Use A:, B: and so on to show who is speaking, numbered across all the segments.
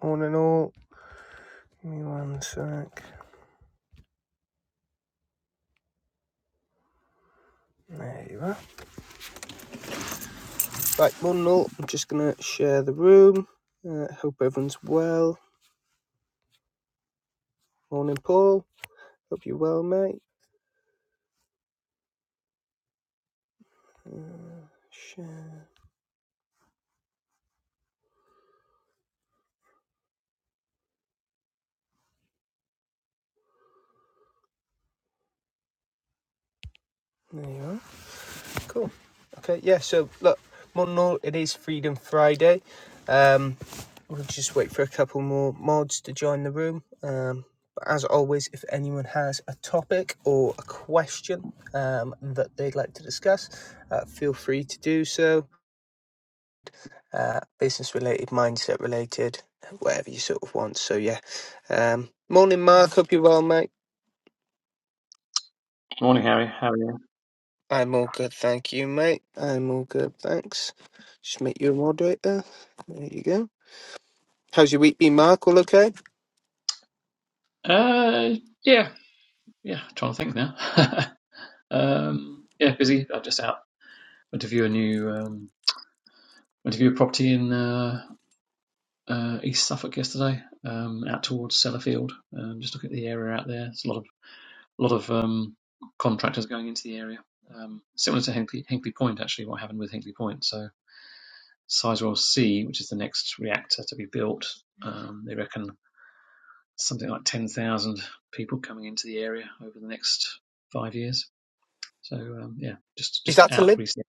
A: One and all. Give me one sec. There you are. Right, one and all. I'm just going to share the room. Uh, hope everyone's well. Morning, Paul. Hope you're well, mate. Uh, share. There you are. Cool. Okay, yeah, so look, one and all, it is Freedom Friday. Um, we'll just wait for a couple more mods to join the room. Um, but as always, if anyone has a topic or a question um, that they'd like to discuss, uh, feel free to do so. uh, business related, mindset related, whatever you sort of want. So yeah. Um, morning, Mark. Hope you're well, mate.
B: Morning, Harry. How are you?
A: I'm all good, thank you, mate. I'm all good, thanks. Just make you a moderator. There you go. How's your week been, Mark? All okay?
B: Uh, yeah, yeah. Trying to think now. um, yeah, busy. I just out went to view a new um, went to view a property in uh, uh, East Suffolk yesterday. Um, out towards Sellafield. Um, just look at the area out there. There's a lot of a lot of um, contractors going into the area. Um, similar to Hinkley, Hinkley Point, actually, what happened with Hinkley Point. So Sizewell C, which is the next reactor to be built, um, they reckon something like 10,000 people coming into the area over the next five years. So um, yeah, just
A: Is
B: just
A: that to
B: out
A: live?
B: recently.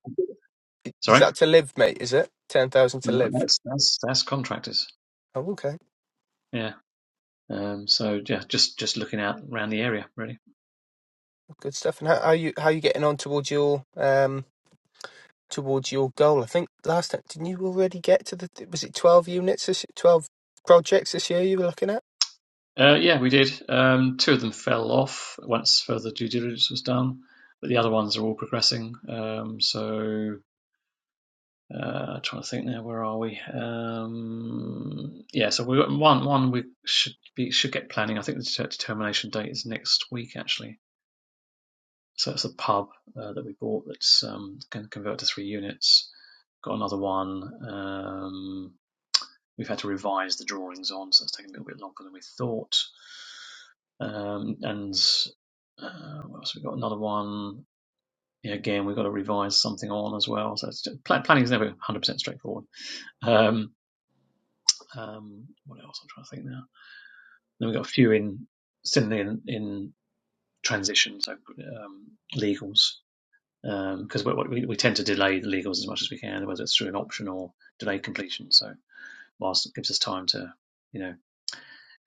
A: Is
B: Sorry,
A: that to live, mate? Is it ten thousand to
B: No,
A: live?
B: that's that's that's contractors.
A: Oh, okay.
B: Yeah. Um, so yeah, just just looking out around the area really.
A: Good stuff. And how, how you? How you getting on towards your um towards your goal? I think last time didn't you already get to the was it twelve units? this- Twelve projects this year you were looking at?
B: Uh, yeah, we did. Um, two of them fell off once further due diligence was done, but the other ones are all progressing. Um, so Uh, trying to think now, where are we? Um, yeah, so we one one we should be should get planning. I think the determination date is next week actually. So it's a pub uh, that we bought that's um, going to convert to three units. Got another one. Um, we've had to revise the drawings on, so it's taken a little bit longer than we thought. Um, and uh, what else? We've got another one. Yeah, again, we've got to revise something on as well. So it's, planning is never 100% straightforward. Um, Um, what else? I'm trying to think now. Then we've got a few in similarly in, in transition, so um, legals, because um, we, we, we tend to delay the legals as much as we can, whether it's through an option or delayed completion. So whilst it gives us time to, you know,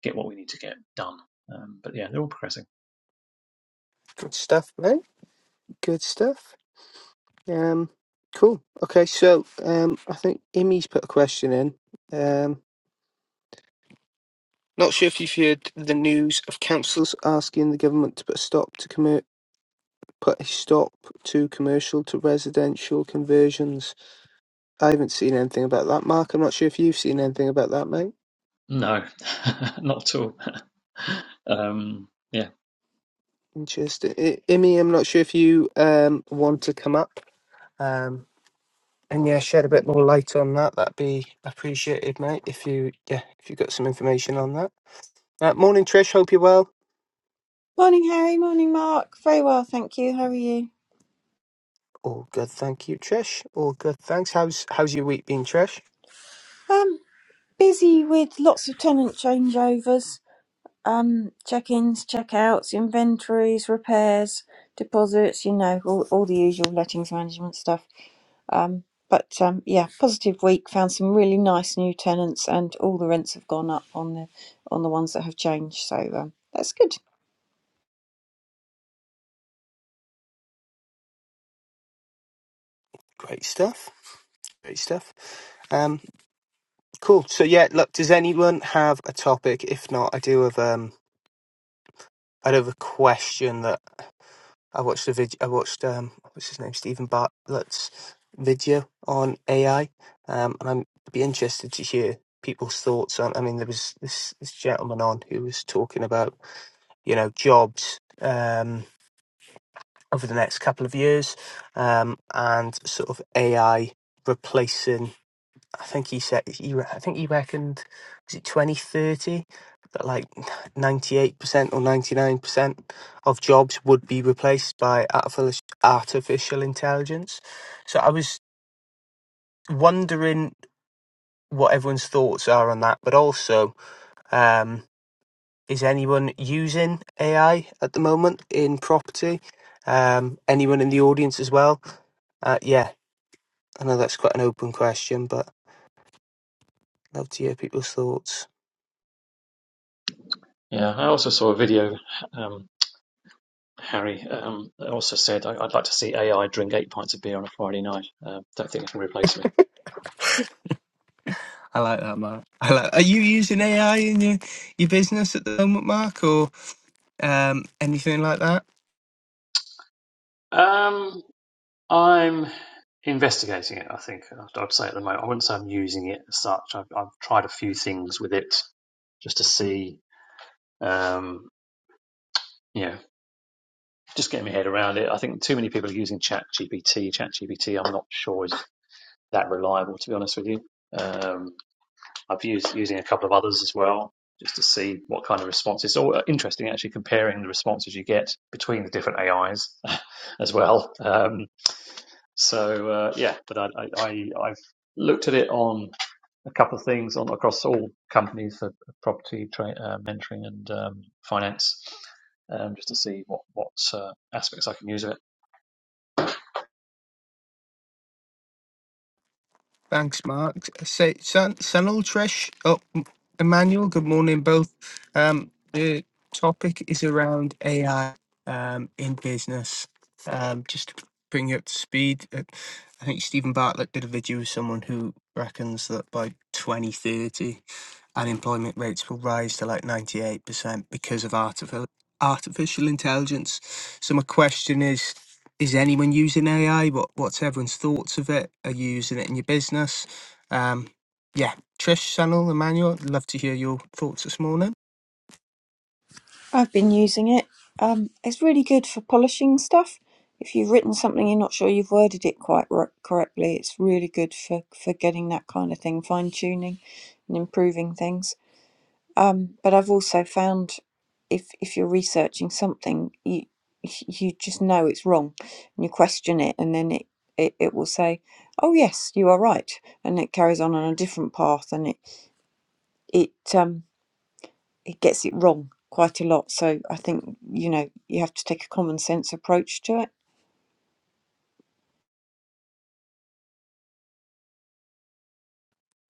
B: get what we need to get done. Um, but yeah, they're all progressing.
A: Good stuff, mate. Good stuff. Um, cool. Okay, so um, I think Imi's put a question in. Um, not sure if you've heard the news of councils asking the government to put a stop to commer- put a stop to commercial to residential conversions. I haven't seen anything about that, Mark. I'm not sure if you've seen anything about that, mate.
B: No, not at all. um, yeah,
A: Interesting. I- Imi, I'm not sure if you um want to come up. Um, and yeah, shed a bit more light on that. That'd be appreciated, mate. If you yeah, if you got some information on that. Uh, morning, Trish. Hope you're well.
C: Morning, Harry. Morning, Mark. Very well, thank you. How are you?
A: All good, thank you, Trish. All good, thanks. How's how's your week been, Trish?
C: Um, busy with lots of tenant changeovers, um, check-ins, check-outs, inventories, repairs, deposits. You know, all, all the usual lettings management stuff. Um, but um, yeah, positive week. Found some really nice new tenants, and all the rents have gone up on the on the ones that have changed. So um, that's good.
A: Great stuff. Great stuff. Um, cool. So yeah, look, does anyone have a topic? If not, I do have. Um, I'd have a question that I watched a video. I watched um, what's his name, Stephen Bartlett's video on AI, um, and i I'd be interested to hear people's thoughts on. I mean, there was this, this gentleman on who was talking about you know jobs um, over the next couple of years, um, and sort of AI replacing I think he said he. re- I think he reckoned was it twenty thirty that like ninety eight percent or ninety nine percent of jobs would be replaced by artific- artificial intelligence. So I was wondering what everyone's thoughts are on that, but also um, is anyone using AI at the moment in property? Um, anyone in the audience as well? Uh, yeah, I know that's quite an open question, but I'd love to hear people's thoughts.
B: yeah. I also saw a video. um, Harry um, also said, I- "I'd like to see AI drink eight pints of beer on a Friday night. Uh, don't think it can replace me."
A: I like that, Mark. I like. Are you using AI in your, your business at the moment, Mark, or um, anything like that?
B: Um, I'm investigating it. I think I'd I'd say at the moment I wouldn't say I'm using it as such. I've, I've tried a few things with it just to see, um, you know, just getting my head around it. I think too many people are using ChatGPT. ChatGPT, I'm not sure is that reliable, to be honest with you. Um, I've used using a couple of others as well, just to see what kind of responses. It's all interesting actually comparing the responses you get between the different AIs as well. Um, so uh, yeah, but I, I, I I've looked at it on a couple of things on across all companies for property tra- uh, mentoring and um, finance, um, just to see what what uh, aspects I can use of it.
A: Thanks, Mark. Say, San, Sanal, Trish, oh, M- Emmanuel, good morning, both. Um, the topic is around AI um, in business. Um, just to bring you up to speed, uh, I think Stephen Bartlett did a video with someone who reckons that by 2030, unemployment rates will rise to like 98% because of artificial artificial intelligence. So my question is is anyone using AI? What what's everyone's thoughts of it? Are you using it in your business? Um, yeah, Trish, Sanal, Emmanuel, I'd love to hear your thoughts this morning.
C: I've been using it. Um, it's really good for polishing stuff. If you've written something you're not sure you've worded it quite r- correctly, it's really good for, for getting that kind of thing, fine tuning and improving things. Um, but I've also found if if you're researching something, you you just know it's wrong and you question it, and then it, it, it will say, Oh, yes, you are right. And it carries on on a different path and it, it um, he gets it wrong quite a lot. So I think you know you have to take a common sense approach to it.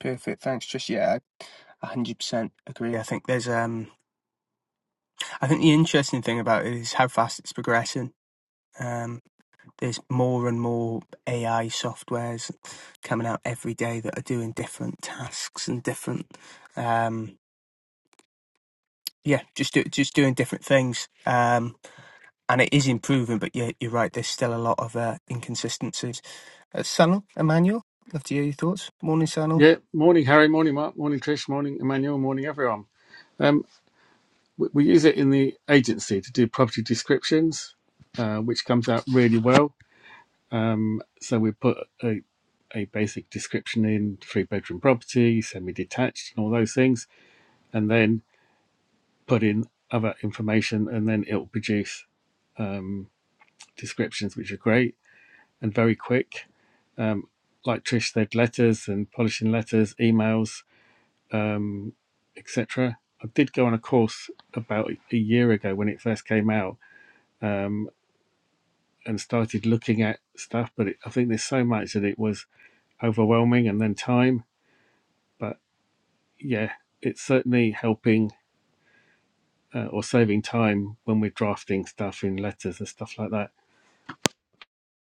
A: Perfect. Thanks, Trish. Yeah, I 100% agree. I think There's um, I think the interesting thing about it is how fast it's progressing. Um, there's more and more AI softwares coming out every day that are doing different tasks and different, um, yeah, just do, just doing different things. Um, and it is improving. But yeah, you're right. There's still a lot of uh, inconsistencies. Uh, Sanal, Emmanuel, love to hear your thoughts. Morning, Sanal.
D: Yeah, morning, Harry. Morning, Mark. Morning, Trish. Morning, Emmanuel. Morning, everyone. Um, we, we use it in the agency to do property descriptions, uh, which comes out really well. Um, so we put a, a basic description in three bedroom property, semi detached, and all those things, and then put in other information, and then it'll produce um, descriptions, which are great and very quick. Um, like Trish said, letters and polishing letters, emails. um, etc. I did go on a course about a year ago when it first came out um, and started looking at stuff, but it, I think there's so much that it was overwhelming and then time. But yeah, it's certainly helping uh, or saving time when we're drafting stuff in letters and stuff like that.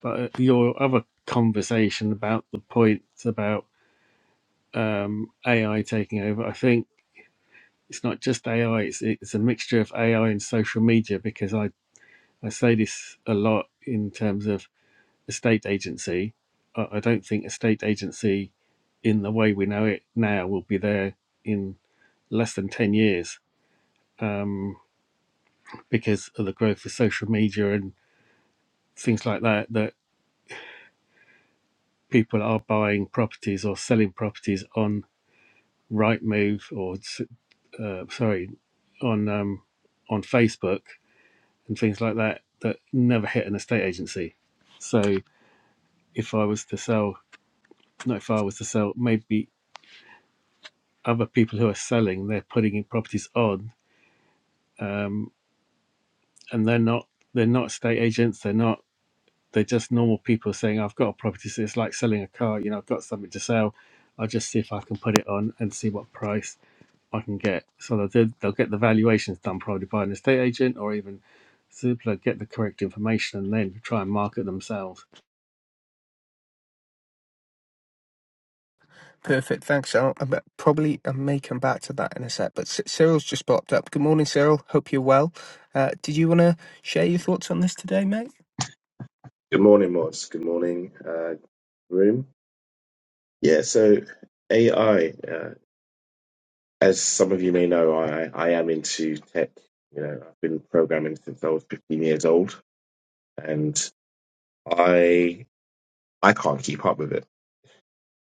D: But uh, your other conversation about the points about um, AI taking over, I think it's not just AI, it's, it's a mixture of AI and social media because I I say this a lot in terms of estate agency. I I don't think estate agency, in the way we know it now, will be there in less than 10 years um, because of the growth of social media and things like that, that people are buying properties or selling properties on Rightmove or, uh, sorry, on, um, on Facebook and things like that that never hit an estate agency. So if I was to sell not if I was to sell, maybe other people who are selling, they're putting in properties on, um, and they're not they're not estate agents, they're not they're just normal people saying, I've got a property, so it's like selling a car, you know, I've got something to sell. I'll just see if I can put it on and see what price I can get. So they'll, do- they'll get the valuations done probably by an estate agent or even Zoopla, get the correct information and then try and market themselves.
A: Perfect. Thanks, Sanal. I bet- probably I may come back to that in a sec. But C- Cyril's just popped up. Good morning, Cyril. Hope you're well. Uh, did you want to share your thoughts on this today, mate?
E: Good morning, mods. Good morning, uh, room. Yeah, so AI, uh, as some of you may know, I, I am into tech. You know, I've been programming since I was 15 years old, and I I can't keep up with it.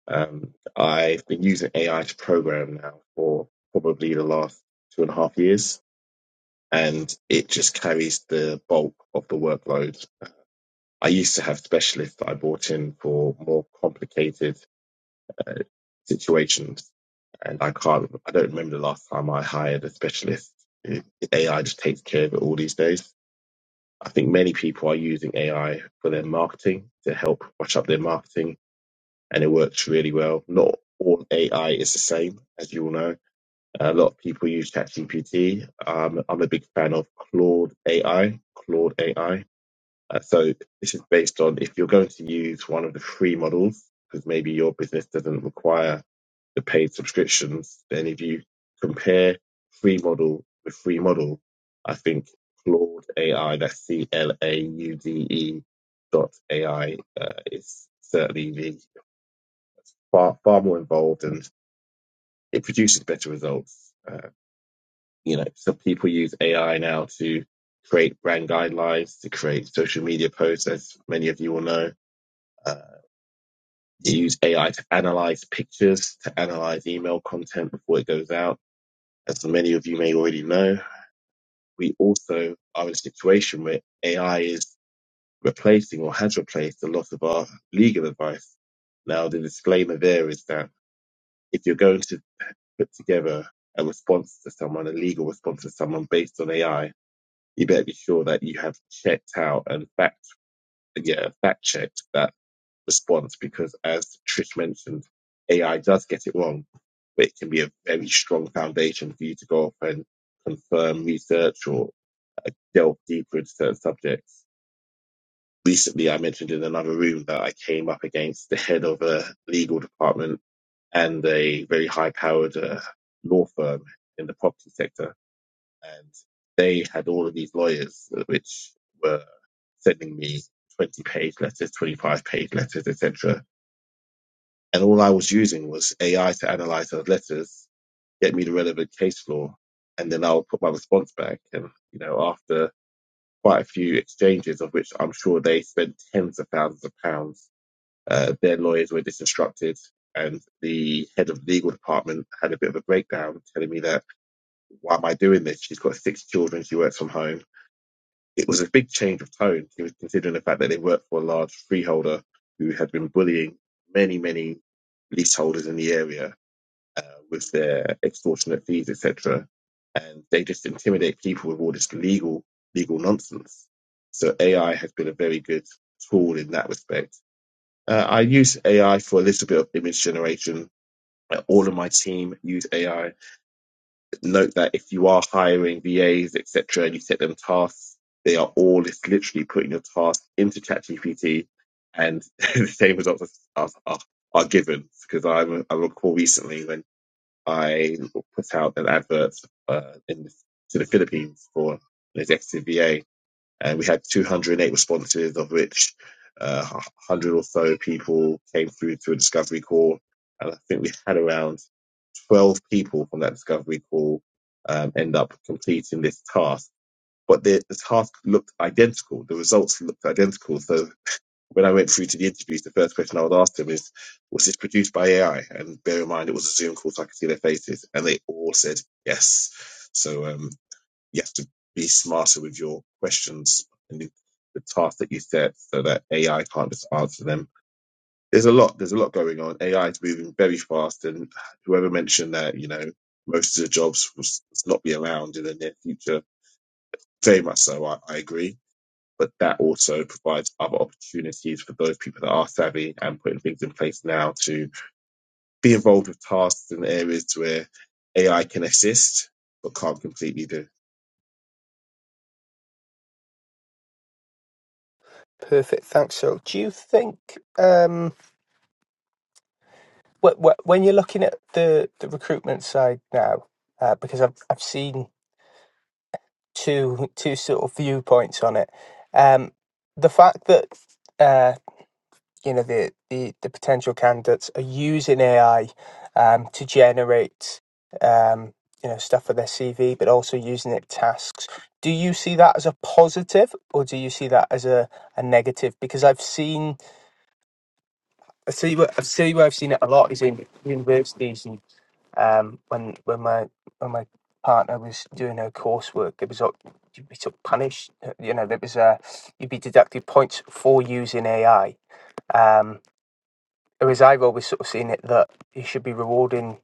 E: Um, I've been using AI to program now for probably the last two and a half years, and it just carries the bulk of the workload. I used to have specialists that I brought in for more complicated uh, situations. And I can't, I don't remember the last time I hired a specialist. It- AI just takes care of it all these days. I think many people are using AI for their marketing to help brush up their marketing, and it works really well. Not all AI is the same, as you all know. A lot of people use ChatGPT. Um, I'm a big fan of Claude AI. Claude AI. Uh, so this is based on if you're going to use one of the free models, because maybe your business doesn't require the paid subscriptions, then if you compare free model with free model, I think Claude AI, that's C L A U D E dot AI, uh, is certainly the far far more involved and it produces better results. Uh, you know, some people use AI now to create brand guidelines, to create social media posts, as many of you will know. Uh, you use AI to analyze pictures, to analyze email content before it goes out As many of you may already know, we also are in a situation where AI is replacing or has replaced a lot of our legal advice. Now, the disclaimer there is that if you're going to put together a response to someone, a legal response to someone based on AI, you better be sure that you have checked out and fact, yeah, fact checked that response because as Trish mentioned, AI does get it wrong, but it can be a very strong foundation for you to go off and confirm research or I delve deeper into certain subjects. Recently, I mentioned in another room that I came up against the head of a legal department and a very high powered uh, law firm in the property sector. And they had all of these lawyers, uh, which were sending me 20 page letters, 25 page letters, etc. And all I was using was AI to analyze those letters, get me the relevant case law, and then I'll put my response back. And, you know, after quite a few exchanges of which I'm sure they spent tens of thousands of pounds. Uh, their lawyers were disinstructed, and the head of the legal department had a bit of a breakdown, telling me that why am I doing this? She's got six children, she works from home. It was a big change of tone, She was considering the fact that they worked for a large freeholder who had been bullying many, many leaseholders in the area uh, with their extortionate fees, etc. And they just intimidate people with all this legal legal nonsense. So AI has been a very good tool in that respect. Uh, I use AI for a little bit of image generation. Uh, All of my team use AI. Note that if you are hiring VAs, etc., and you set them tasks, they are all just literally putting your task into ChatGPT, and the same results are, are, are are given. Because I, re- I recall recently when I put out an advert uh, in to the Philippines for an executive VA, and we had 208 responses, of which uh, 100 or so people came through to a discovery call, and I think we had around 12 people from that discovery call um, end up completing this task. But the, the task looked identical. The results looked identical. So when I went through to the interviews, the first question I would ask them is, was this produced by AI? And bear in mind, it was a Zoom call, so I could see their faces. And they all said yes. So um, you have to be smarter with your questions and the, the task that you set so that AI can't just answer them. There's a lot, there's a lot going on. AI is moving very fast. And whoever mentioned that, you know, most of the jobs will s- not be around in the near future, very much so. I, I agree but that also provides other opportunities for those people that are savvy and putting things in place now to be involved with tasks and areas where AI can assist but can't completely do.
A: Perfect. Thanks, Cyril. Do you think um, wh- wh- when you're looking at the, the recruitment side now, uh, because I've I've seen two two sort of viewpoints on it. Um, the fact that uh, you know the, the the potential candidates are using AI um, to generate um, you know stuff for their CV, but also using it tasks. Do you see that as a positive, or do you see that as a, a negative? Because I've seen I see what I see where I've seen it a lot is in universities and um, when when my when my partner was doing her coursework, it was like you be sort of punished. uh, You know, there was uh, you'd be deducted points for using AI. Um, whereas I've always sort of seen it that you should be rewarding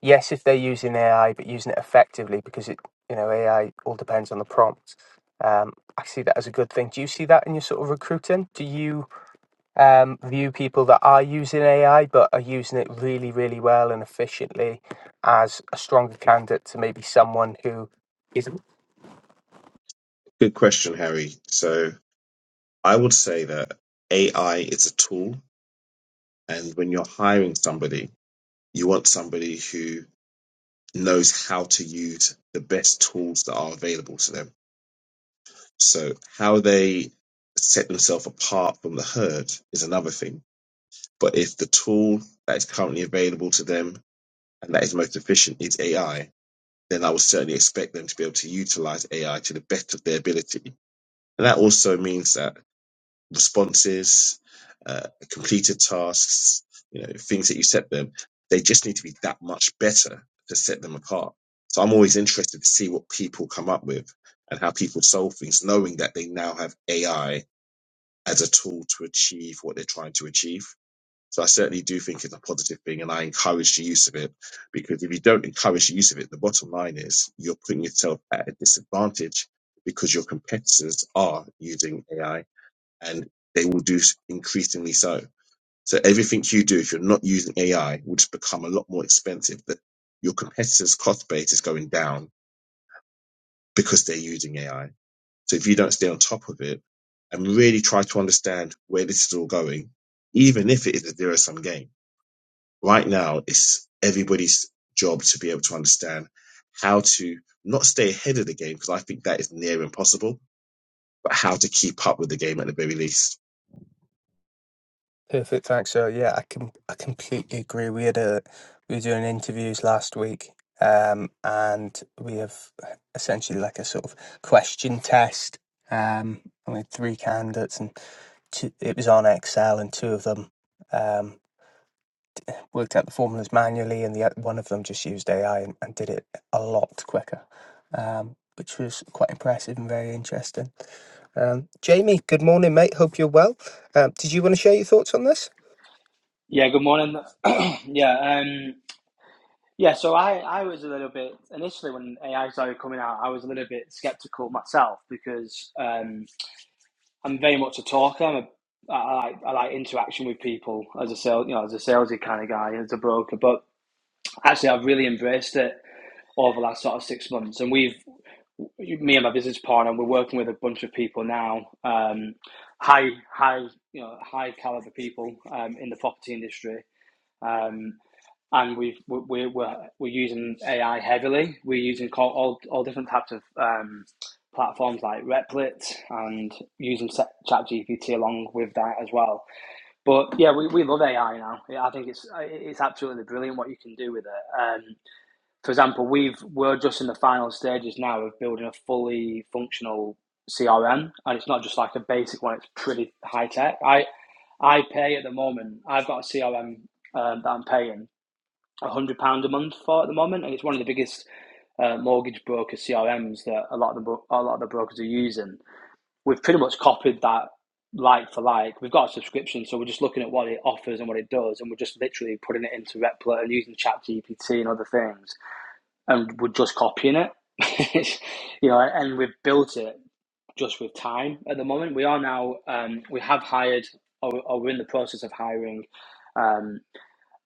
A: yes if they're using AI, but using it effectively because it you know AI all depends on the prompt. Um, I see that as a good thing. Do you see that in your sort of recruiting? Do you? um, view people that are using AI but are using it really, really well and efficiently as a stronger candidate to maybe someone who isn't
E: Good question, Harry. So I would say that AI is a tool, and when you're hiring somebody, you want somebody who knows how to use the best tools that are available to them. So how they set themselves apart from the herd is another thing But if the tool that is currently available to them and that is most efficient is AI, then I would certainly expect them to be able to utilize AI to the best of their ability. And that also means that responses, uh, completed tasks, you know, things that you set them, they just need to be that much better to set them apart. So I'm always interested to see what people come up with and how people solve things, knowing that they now have AI as a tool to achieve what they're trying to achieve. So I certainly do think it's a positive thing, and I encourage the use of it because if you don't encourage the use of it, the bottom line is you're putting yourself at a disadvantage because your competitors are using AI and they will do s- increasingly so. So everything you do, if you're not using AI, will just become a lot more expensive. That your competitors' cost base is going down because they're using AI. So if you don't stay on top of it and really try to understand where this is all going, even if it is a zero sum game right now it's everybody's job to be able to understand how to not stay ahead of the game because I think that is near impossible, but how to keep up with the game at the very least.
A: perfect. Thanks. So yeah, I can I completely agree. We had a we were doing interviews last week, um, and we have essentially like a sort of question test. Um, and we had three candidates, and two, it was on Excel, and two of them. Um, worked out the formulas manually, and the one of them just used AI and, and did it a lot quicker, um, which was quite impressive and very interesting. Um, Jamie, good morning, mate. Hope you're well. Um, did you want to share your thoughts on this?
F: Yeah, good morning. yeah, um, yeah. So I, I was a little bit initially when AI started coming out, I was a little bit skeptical myself because um, I'm very much a talker. I'm a, I, I like I like interaction with people as a sales, you know, as a salesy kind of guy, as a broker. But actually, I've really embraced it over the last sort of six months, and we've me and my business partner, we're working with a bunch of people now, um, high high you know high caliber people um, in the property industry. Um, and we've we- we're we're, we're using AI heavily. We're using all all, different types of um, platforms like Replit and using ChatGPT along with that as well. But yeah, we, we love AI now. Yeah, I think it's uh, it's absolutely brilliant what you can do with it. Um, for example, we've we're just in the final stages now of building a fully functional CRM, and it's not just like a basic one. It's pretty high tech. I I pay at the moment. I've got a CRM um, that I'm paying £100 a month for at the moment. And it's one of the biggest uh, mortgage broker CRMs that a lot of the a lot of the brokers are using. We've pretty much copied that like for like. We've got a subscription, so we're just looking at what it offers and what it does, and we're just literally putting it into Replit and using ChatGPT and other things, and we're just copying it. you know, and we've built it just with time. At the moment, we are now um, we have hired or, or we're in the process of hiring um,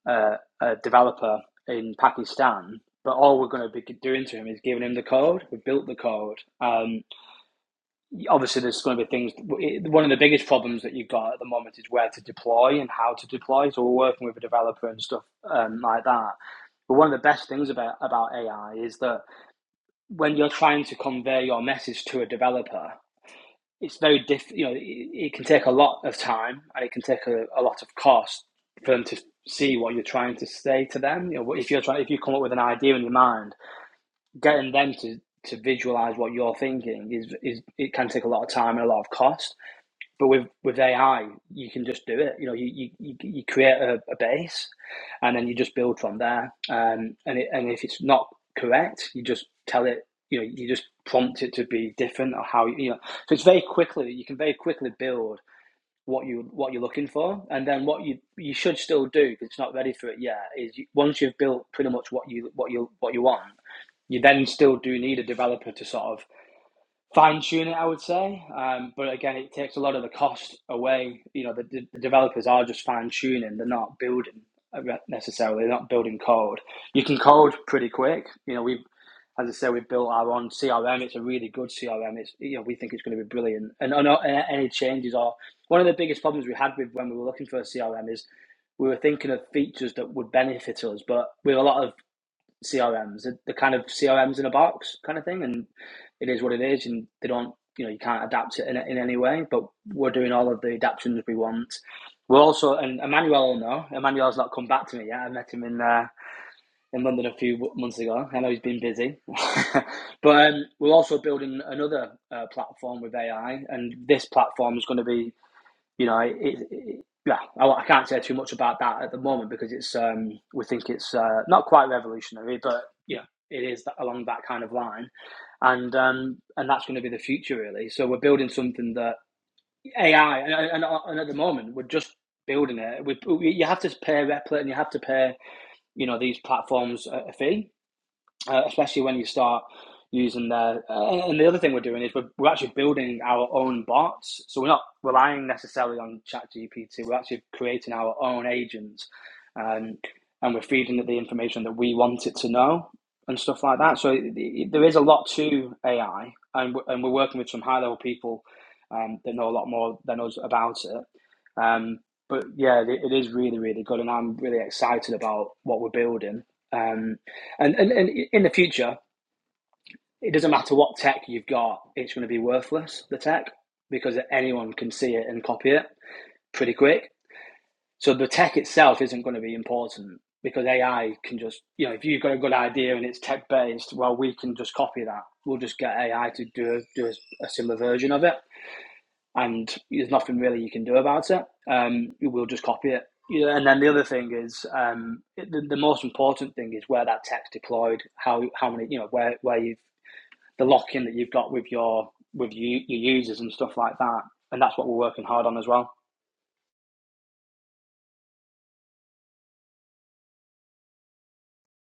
F: uh, a developer in Pakistan. But all we're going to be doing to him is giving him the code. We built the code. Um, obviously, there's going to be things. One of the biggest problems that you've got at the moment is where to deploy and how to deploy. So we're working with a developer and stuff um, like that. But one of the best things about, about AI is that when you're trying to convey your message to a developer, it's very diff. You know, it, it can take a lot of time and it can take a, a lot of cost for them to see what you're trying to say to them. You know, if you're trying, if you come up with an idea in your mind, getting them to to visualize what you're thinking is is it can take a lot of time and a lot of cost. But with, with AI, you can just do it. You know, you, you, you you create a, a base and then you just build from there. Um, and, it, and if it's not correct, you just tell it, you know, you just prompt it to be different or how, you know. So it's very quickly, you can very quickly build what you what you're looking for and then what you you should still do because it's not ready for it yet is you, once you've built pretty much what you what you what you want you then still do need a developer to sort of fine tune it, I would say. Um, but again, it takes a lot of the cost away. You know, the, the developers are just fine tuning; they're not building uh, necessarily. They're not building code. You can code pretty quick. You know, we, as I say, we built our own CRM. It's a really good CRM. It's you know, we think it's going to be brilliant. And, and, and any changes are one of the biggest problems we had with when we were looking for a CRM is we were thinking of features that would benefit us, but with a lot of CRMs. They're kind of CRMs in a box kind of thing, and it is what it is, and they don't, you know, you can't adapt it in, in any way. But we're doing all of the adaptations we want. We're also, and Emmanuel will know. Emmanuel's not come back to me yet. I met him in uh, in London a few months ago. I know he's been busy, but um, we're also building another uh, platform with AI, and this platform is going to be you know, it, it, yeah, I, I can't say too much about that at the moment because it's um, we think it's uh, not quite revolutionary, but yeah, it is that, along that kind of line, and um, and that's going to be the future really. So we're building something that AI, and, and, and at the moment we're just building it. We, we you have to pay Replit and you have to pay you know these platforms a, a fee uh, especially when you start using the. Uh, and the other thing we're doing is we're, we're actually building our own bots, so we're not relying necessarily on ChatGPT. We're actually creating our own agents, um, and we're feeding it the information that we want it to know and stuff like that. So it, it, there is a lot to AI, and we're, and we're working with some high level people um, that know a lot more than us about it. Um, but yeah, it, it is really, really good, and I'm really excited about what we're building. Um, and, and and in the future, it doesn't matter what tech you've got; it's going to be worthless the tech because anyone can see it and copy it pretty quick. So the tech itself isn't going to be important because AI can just you know if you've got a good idea and it's tech based, well we can just copy that. We'll just get AI to do do a, a similar version of it, and there's nothing really you can do about it. Um, we'll just copy it. Yeah, and then the other thing is um, the, the most important thing is where that tech's deployed, how how many you know where where you have the lock in that you've got with your with you, your users and stuff like that. And that's what we're working hard on as well.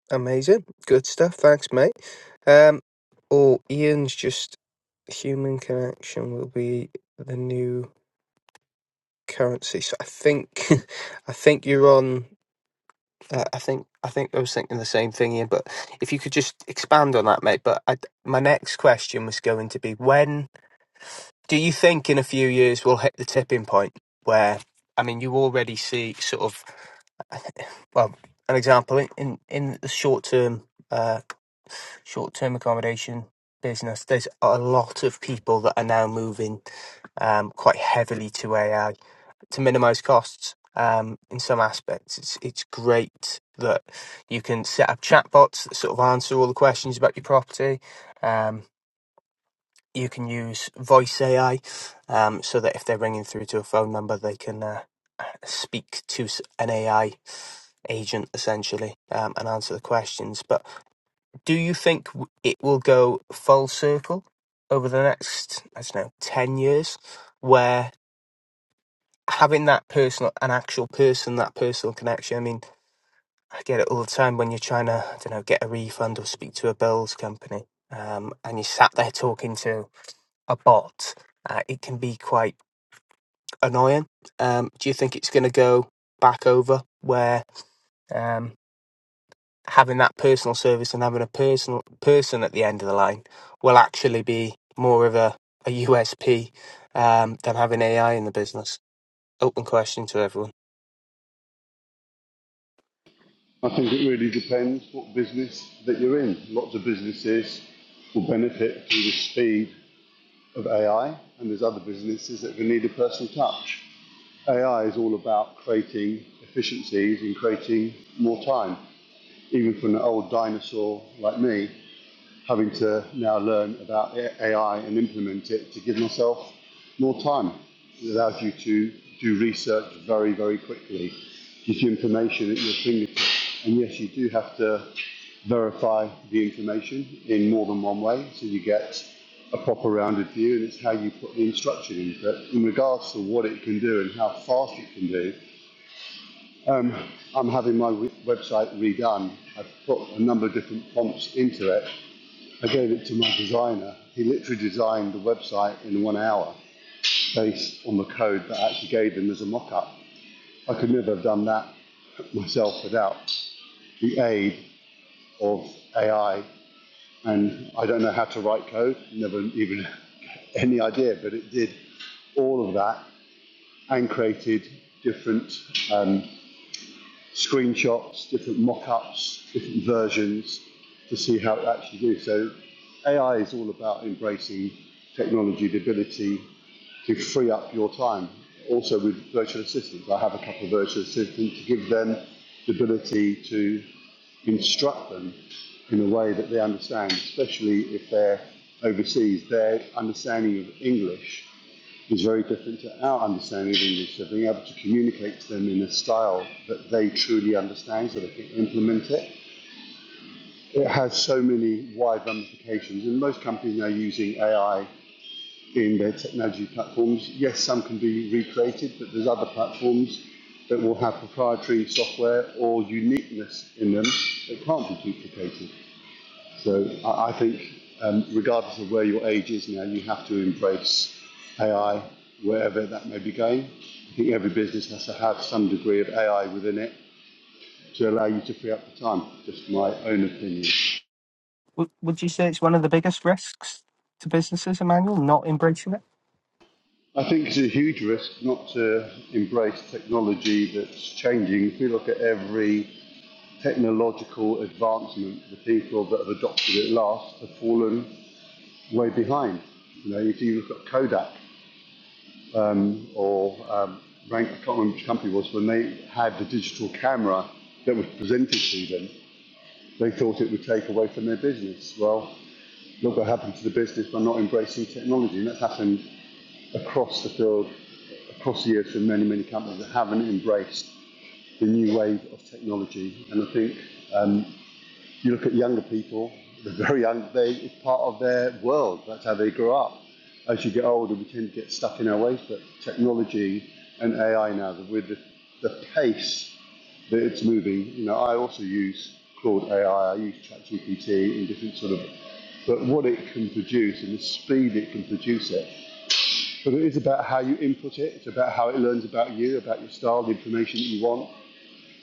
A: Amazing. Good stuff. Thanks, mate. Um, or Ian's just human connection will be the new currency. So I think, I think you're on. Uh, I think I think I was thinking the same thing, Ian. But if you could just expand on that, mate. But I, my next question was going to be when do you think in a few years we'll hit the tipping point where, I mean, you already see sort of, well, an example in, in, in the short term, uh, short term accommodation business, there's a lot of people that are now moving um, quite heavily to AI to minimize costs. Um, in some aspects, it's it's great that you can set up chatbots that sort of answer all the questions about your property. Um, you can use voice AI um, so that if they're ringing through to a phone number, they can uh, speak to an AI agent essentially um, and answer the questions. But do you think it will go full circle over the next, I don't know, 10 years where having that personal, an actual person, that personal connection? I mean, I get it all the time when you're trying to, I don't know, get a refund or speak to a bills company um, and you sat there talking to a bot. Uh, it can be quite annoying. Um, do you think it's going to go back over where um, having that personal service and having a personal person at the end of the line will actually be more of a, a USP um, than having AI in the business? Open question to everyone.
G: I think it really depends what business that you're in. Lots of businesses will benefit from the speed of AI, and there's other businesses that will need a personal touch. AI is all about creating efficiencies and creating more time. Even for an old dinosaur like me, having to now learn about AI and implement it to give myself more time. It allows you to do research very, very quickly, gives you information at your fingertips. And yes, you do have to verify the information in more than one way so you get a proper rounded view and it's how you put the instruction in. But in regards to what it can do and how fast it can do, um, I'm having my website redone. I've put a number of different prompts into it. I gave it to my designer. He literally designed the website in one hour based on the code that I actually gave him as a mock up. I could never have done that myself without the aid of AI And I don't know how to write code, never even any idea, but it did all of that and created different um, screenshots, different mock ups, different versions to see how it actually did. So AI is all about embracing technology, the ability to free up your time. Also with virtual assistants, I have a couple of virtual assistants to give them the ability to instruct them in a way that they understand, especially if they're overseas. Their understanding of English is very different to our understanding of English. So being able to communicate to them in a style that they truly understand so they can implement it. It has so many wide ramifications, and most companies are using AI in their technology platforms. Yes, some can be recreated, but there's other platforms that will have proprietary software or uniqueness in them that can't be duplicated. So I, I think, um, regardless of where your age is now, you have to embrace AI wherever that may be going. I think every business has to have some degree of AI within it to allow you to free up the time. Just my own opinion.
A: Would, would you say it's one of the biggest risks to businesses, Emmanuel, not embracing it?
G: I think it's a huge risk not to embrace technology that's changing. If we look at every technological advancement, the people that have adopted it last have fallen way behind. You know, if you look at Kodak, um, or um, rank, I can't remember which company it was, when they had the digital camera that was presented to them, they thought it would take away from their business. Well, look what happened to the business by not embracing technology, and that's happened across the field, across the years for many, many companies that haven't embraced the new wave of technology. And I think um, you look at younger people, they're very young, they, it's part of their world, that's how they grow up. As you get older, we tend to get stuck in our ways, but technology and AI now, with the, the pace that it's moving, you know, I also use Claude AI, I I use ChatGPT and different sort of, but what it can produce and the speed it can produce it. But it is about how you input it, it's about how it learns about you, about your style, the information that you want,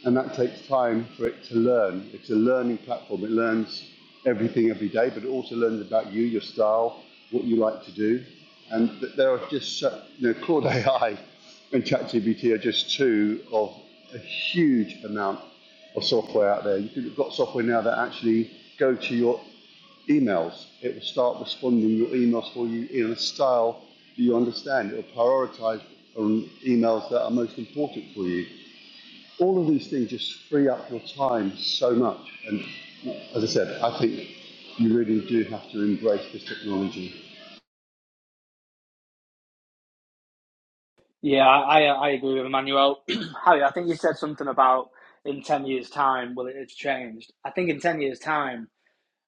G: and that takes time for it to learn. It's a learning platform. It learns everything every day, but it also learns about you, your style, what you like to do, and there are just so- you know Claude AI and ChatGPT are just two of a huge amount of software out there. You You've got software now that actually go to your emails. It will start responding your emails for you in a style that you understand. It will prioritize on emails that are most important for you all of these things just free up your time so much. And as I said, I think you really do have to embrace this technology.
F: Yeah, I I, agree with Emmanuel. Harry, I think you said something about in ten years' time, well, it's changed. I think in ten years' time,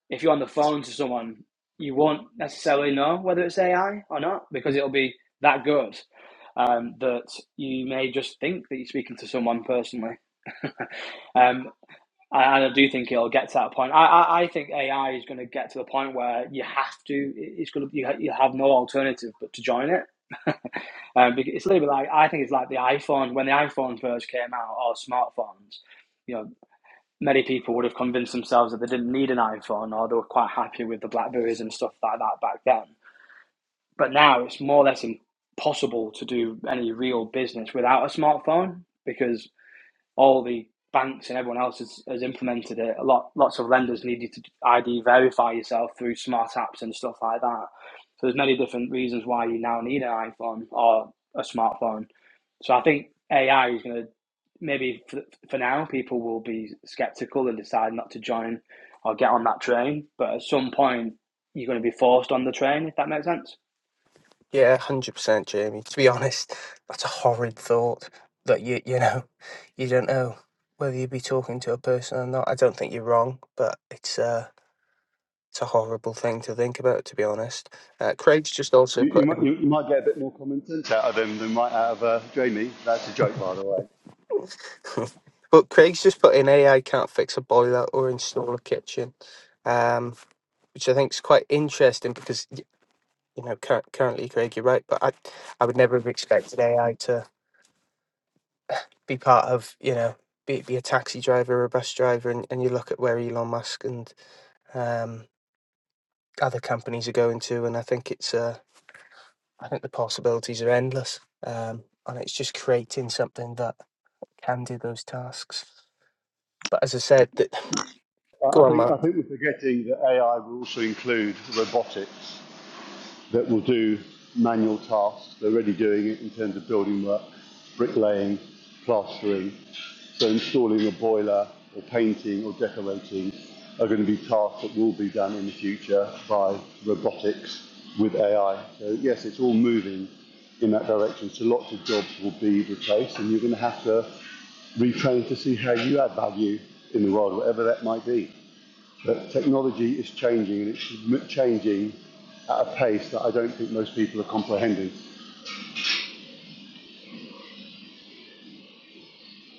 F: if you're on the phone to someone, you won't necessarily know whether it's AI or not because it'll be that good um, that you may just think that you're speaking to someone personally. Um, And I do think it'll get to that point. I, I, I think AI is going to get to the point where you have to. It's going to you, you have no alternative but to join it. Um, because it's a little bit like I think it's like the iPhone when the iPhone first came out or smartphones. You know, many people would have convinced themselves that they didn't need an iPhone or they were quite happy with the Blackberries and stuff like that back then. But now it's more or less impossible to do any real business without a smartphone because all the banks and everyone else has, has implemented it. A lot, lots of lenders need you to ID verify yourself through smart apps and stuff like that. So there's many different reasons why you now need an iPhone or a smartphone. So I think AI is going to maybe for, for now people will be skeptical and decide not to join or get on that train. But at some point you're going to be forced on the train if that makes sense.
A: Yeah, hundred percent, Jamie. To be honest, that's a horrid thought. That you you know, you don't know whether you'd be talking to a person or not. I don't think you're wrong, but it's uh it's a horrible thing to think about. To be honest, uh, Craig's just also
G: You, you,
A: put
G: might,
A: in,
G: you, you might get a bit more common sense out of them than might out of uh, Jamie. That's a joke, by the way.
A: but Craig's just put in AI can't fix a boiler or install a kitchen, um, which I think is quite interesting because y- you know cur- currently, Craig, you're right, but I I would never have expected AI to. be part of you know be, be a taxi driver or a bus driver and, and you look at where elon musk and um, other companies are going to and i think it's uh, i think the possibilities are endless um, and it's just creating something that can do those tasks but as i said that
G: I I
A: go on
G: think
A: mark
G: I think we're forgetting that AI will also include robotics. that will do manual tasks. They're already doing it in terms of building work, bricklaying, plastering. So installing a boiler or painting or decorating are going to be tasks that will be done in the future by robotics with AI. So yes, it's all moving in that direction. So lots of jobs will be replaced and you're going to have to retrain to see how you add value in the world, whatever that might be that technology is changing and it's changing at a pace that I don't think most people are comprehending.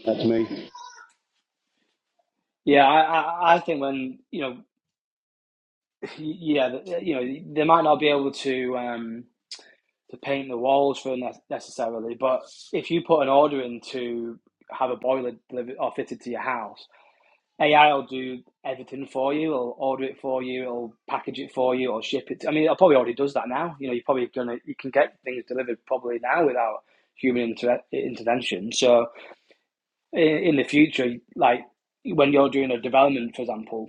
G: That's me.
F: Yeah, I, I, I think when you know, yeah, you know, they might not be able to um, to paint the walls for necessarily. But if you put an order in to have a boiler delivered or fitted to your house, AI will do everything for you. It'll order it for you. It'll package it for you. It'll ship it. To, I mean, it probably already does that now. You know, you're probably gonna you can get things delivered probably now without human inter- intervention. So in, in the future, like when you're doing a development, for example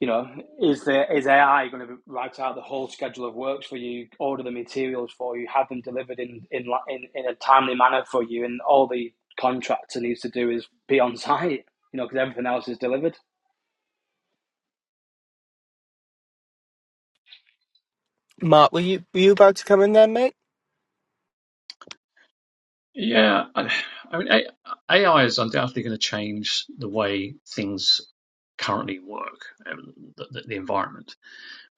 F: you know, is the is AI going to write out the whole schedule of works for you, order the materials for you, have them delivered in in in, in a timely manner for you, and all the contractor needs to do is be on site, you know, because everything else is delivered.
A: mark were you were you about to come in there mate
B: Yeah, I, I mean, A- AI is undoubtedly going to change the way things currently work, um, the, the, the environment.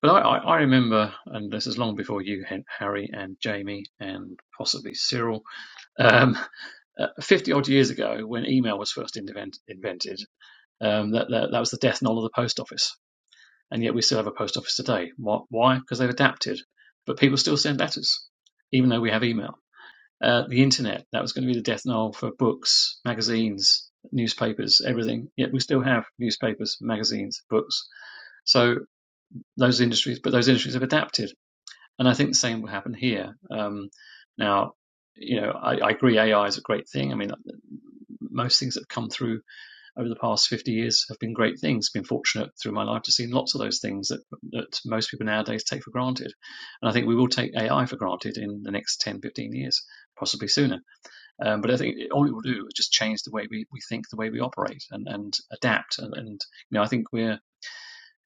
B: But I, I, I remember, and this is long before you, Hen- Harry and Jamie, and possibly Cyril, um, uh, 50 odd years ago when email was first invent, invented, um, that, that, that was the death knell of the post office. And yet we still have a post office today. Why? Because they've adapted. But people still send letters, even though we have email. Uh, the internet, that was going to be the death knell for books, magazines, newspapers, everything. Yet we still have newspapers, magazines, books. So those industries, but those industries have adapted. And I think the same will happen here. Um, now, you know, I, I agree AI is a great thing. I mean, uh, most things that have come through over the past 50 years have been great things. I've Been fortunate through my life to see lots of those things that, that most people nowadays take for granted. And I think we will take AI for granted in the next 10, 15 years, possibly sooner. Um, but I think all it will do is just change the way we, we think, the way we operate, and, and adapt. And, and you know, I think we're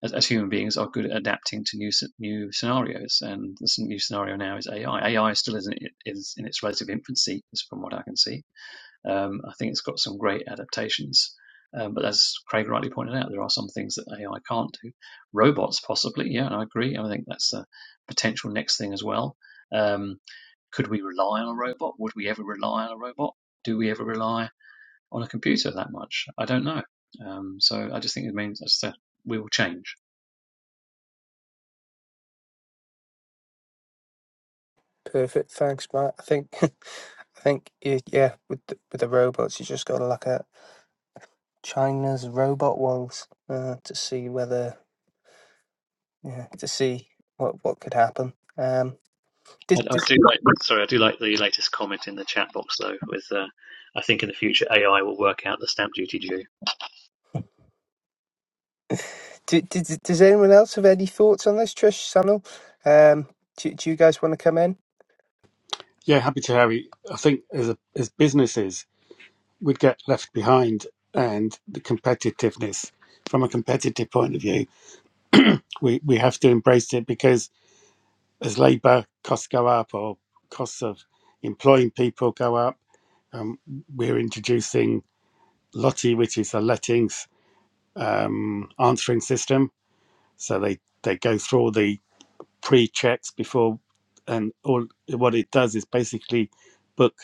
B: as, as human beings are good at adapting to new new scenarios. And this new scenario now is AI. AI still is in, is in its relative infancy, from what I can see um, I think it's got some great adaptations. Um, but as Craig rightly pointed out, there are some things that AI can't do. Robots, possibly, yeah, and I agree. I think that's a potential next thing as well. Um, could we rely on a robot? Would we ever rely on a robot? Do we ever rely on a computer that much? I don't know. Um, so I just think it means as I said, we will change.
A: perfect thanks mark i think i think y- yeah with the, with the robots you just got to look at china's robot ones uh, to see whether yeah, to see what what could happen. Um, does,
B: I, I
A: does,
B: do like. Sorry, I do like the latest comment in the chat box though. With uh, I think in the future AI will work out the stamp duty due.
A: do, does, does anyone else have any thoughts on this, Trish, Sunil? Um, do, do you guys want to come in?
D: Yeah, happy to Harry. I think as a, as businesses, would get left behind and the competitiveness from a competitive point of view we, we have to embrace it because as labor costs go up or costs of employing people go up um, we're introducing lotti which is a lettings um, answering system so they they go through all the pre-checks before and all what it does is basically book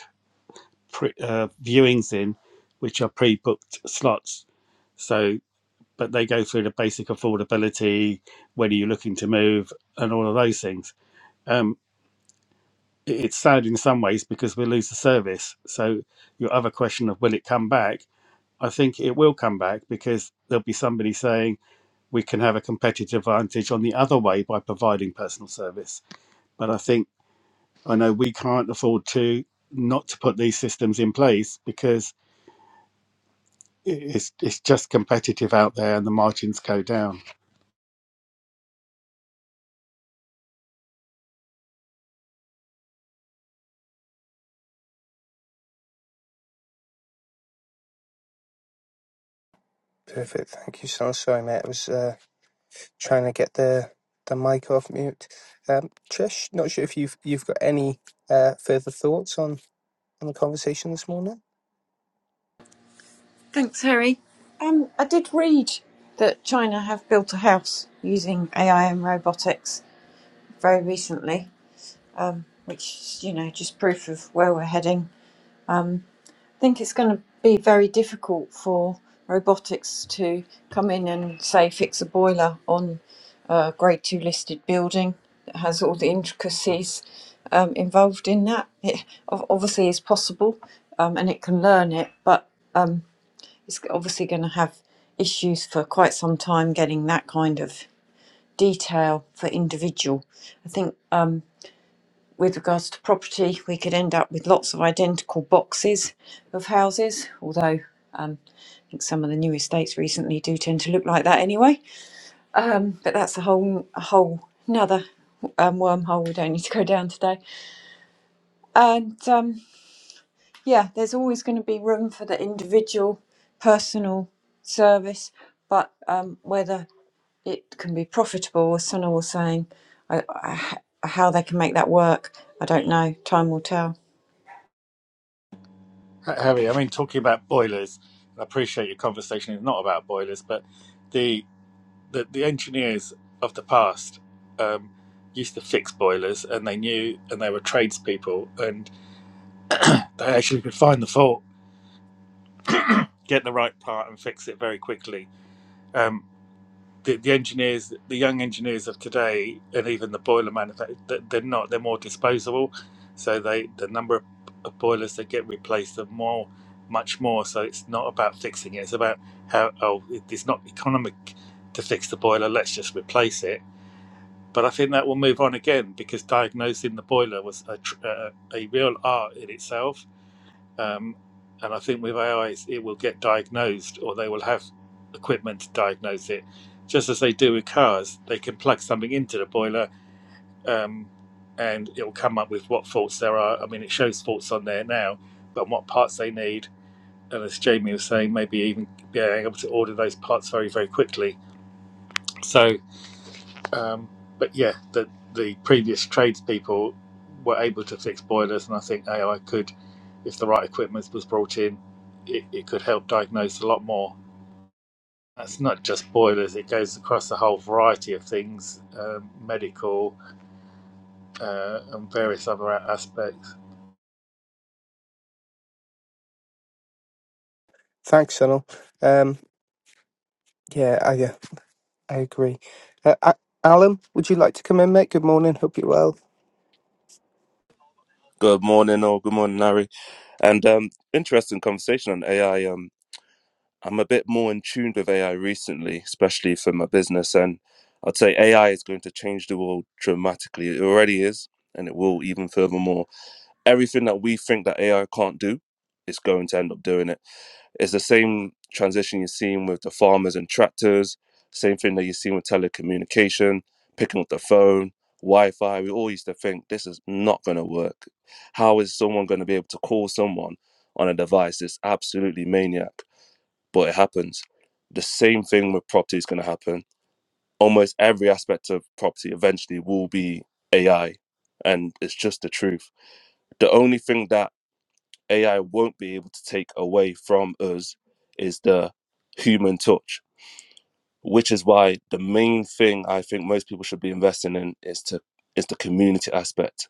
D: pre, uh, viewings in which are pre-booked slots So. but they go through the basic affordability, when are you looking to move, and all of those things. Um, it- it's sad in some ways because we lose the service. So your other question of will it come back? I think it will come back because there'll be somebody saying we can have a competitive advantage on the other way by providing personal service. But I think I know we can't afford to not to put these systems in place because i- it's it's just competitive out there and the margins go down.
A: Perfect, thank you, Sunil. Sorry, mate, I was uh, trying to get the the mic off mute. Um, Trish, not sure if you've you've got any uh, further thoughts on on the conversation this morning?
C: Thanks, Harry. Um, I did read that China have built a house using AI and robotics very recently, um, which is, you know just proof of where we're heading. think it's going to be very difficult for robotics to come in and say fix a boiler on a grade two listed building that has all the intricacies um, involved in that. It ob- obviously is possible um, and it can learn it, but um, it's obviously going to have issues for quite some time getting that kind of detail for individual. I think. Um, with regards to property, we could end up with lots of identical boxes of houses, although um, I think some of the new estates recently do tend to look like that anyway. Um, but that's a whole, a whole another um, wormhole we don't need to go down today. And um, yeah, there's always going to be room for the individual personal service, but um, whether it can be profitable, as Sana was saying, I, I, how they can make that work, I don't know. Time will tell.
D: Harry, I mean, talking about boilers, I appreciate your conversation is not about boilers, but the the, the engineers of the past um, used to fix boilers, and they knew, and they were tradespeople, and they actually could find the fault, get the right part, and fix it very quickly. Um, the, the engineers, the young engineers of today, and even the boiler manufacturers, they're not. They're more disposable, so they the number of, of boilers that get replaced are more, much more. So it's not about fixing it. It's about how oh, it- it's not economic to fix the boiler. Let's just replace it. But I think that will move on again because diagnosing the boiler was a, tr- uh, a real art in itself um, and I think with AI, it will get diagnosed, or they will have equipment to diagnose it, just as they do with cars. They can plug something into the boiler, um, and it will come up with what faults there are. I mean, it shows faults on there now, but what parts they need, and as Jamie was saying, maybe even being able to order those parts very, very quickly. So um, but yeah, the the previous tradespeople were able to fix boilers, and I think AI could, if the right equipment was brought in, it, it could help diagnose a lot more. That's not just boilers; it goes across a whole variety of things, um, medical uh, and various other aspects.
A: Thanks, Sunil. Um, yeah, I, yeah, I agree. Uh, A- Alan, would you like to come in, mate? Good morning. Hope you're well.
H: Good morning, all. Good morning, Larry. And um, interesting conversation on AI. Um, I'm a bit more in tune with AI recently, especially for my business. And I'd say AI is going to change the world dramatically. It already is, and it will even furthermore. Everything that we think that AI can't do, it's going to end up doing it. It's the same transition you're seeing with the farmers and tractors, same thing that you're seeing with telecommunication, picking up the phone, Wi Fi. We all used to think this is not going to work. How is someone going to be able to call someone on a device? It's absolutely maniac, but it happens. The same thing with property is going to happen. Almost every aspect of property eventually will be AI, and it's just the truth. The only thing that AI won't be able to take away from us is the human touch, which is why the main thing I think most people should be investing in is to is the community aspect.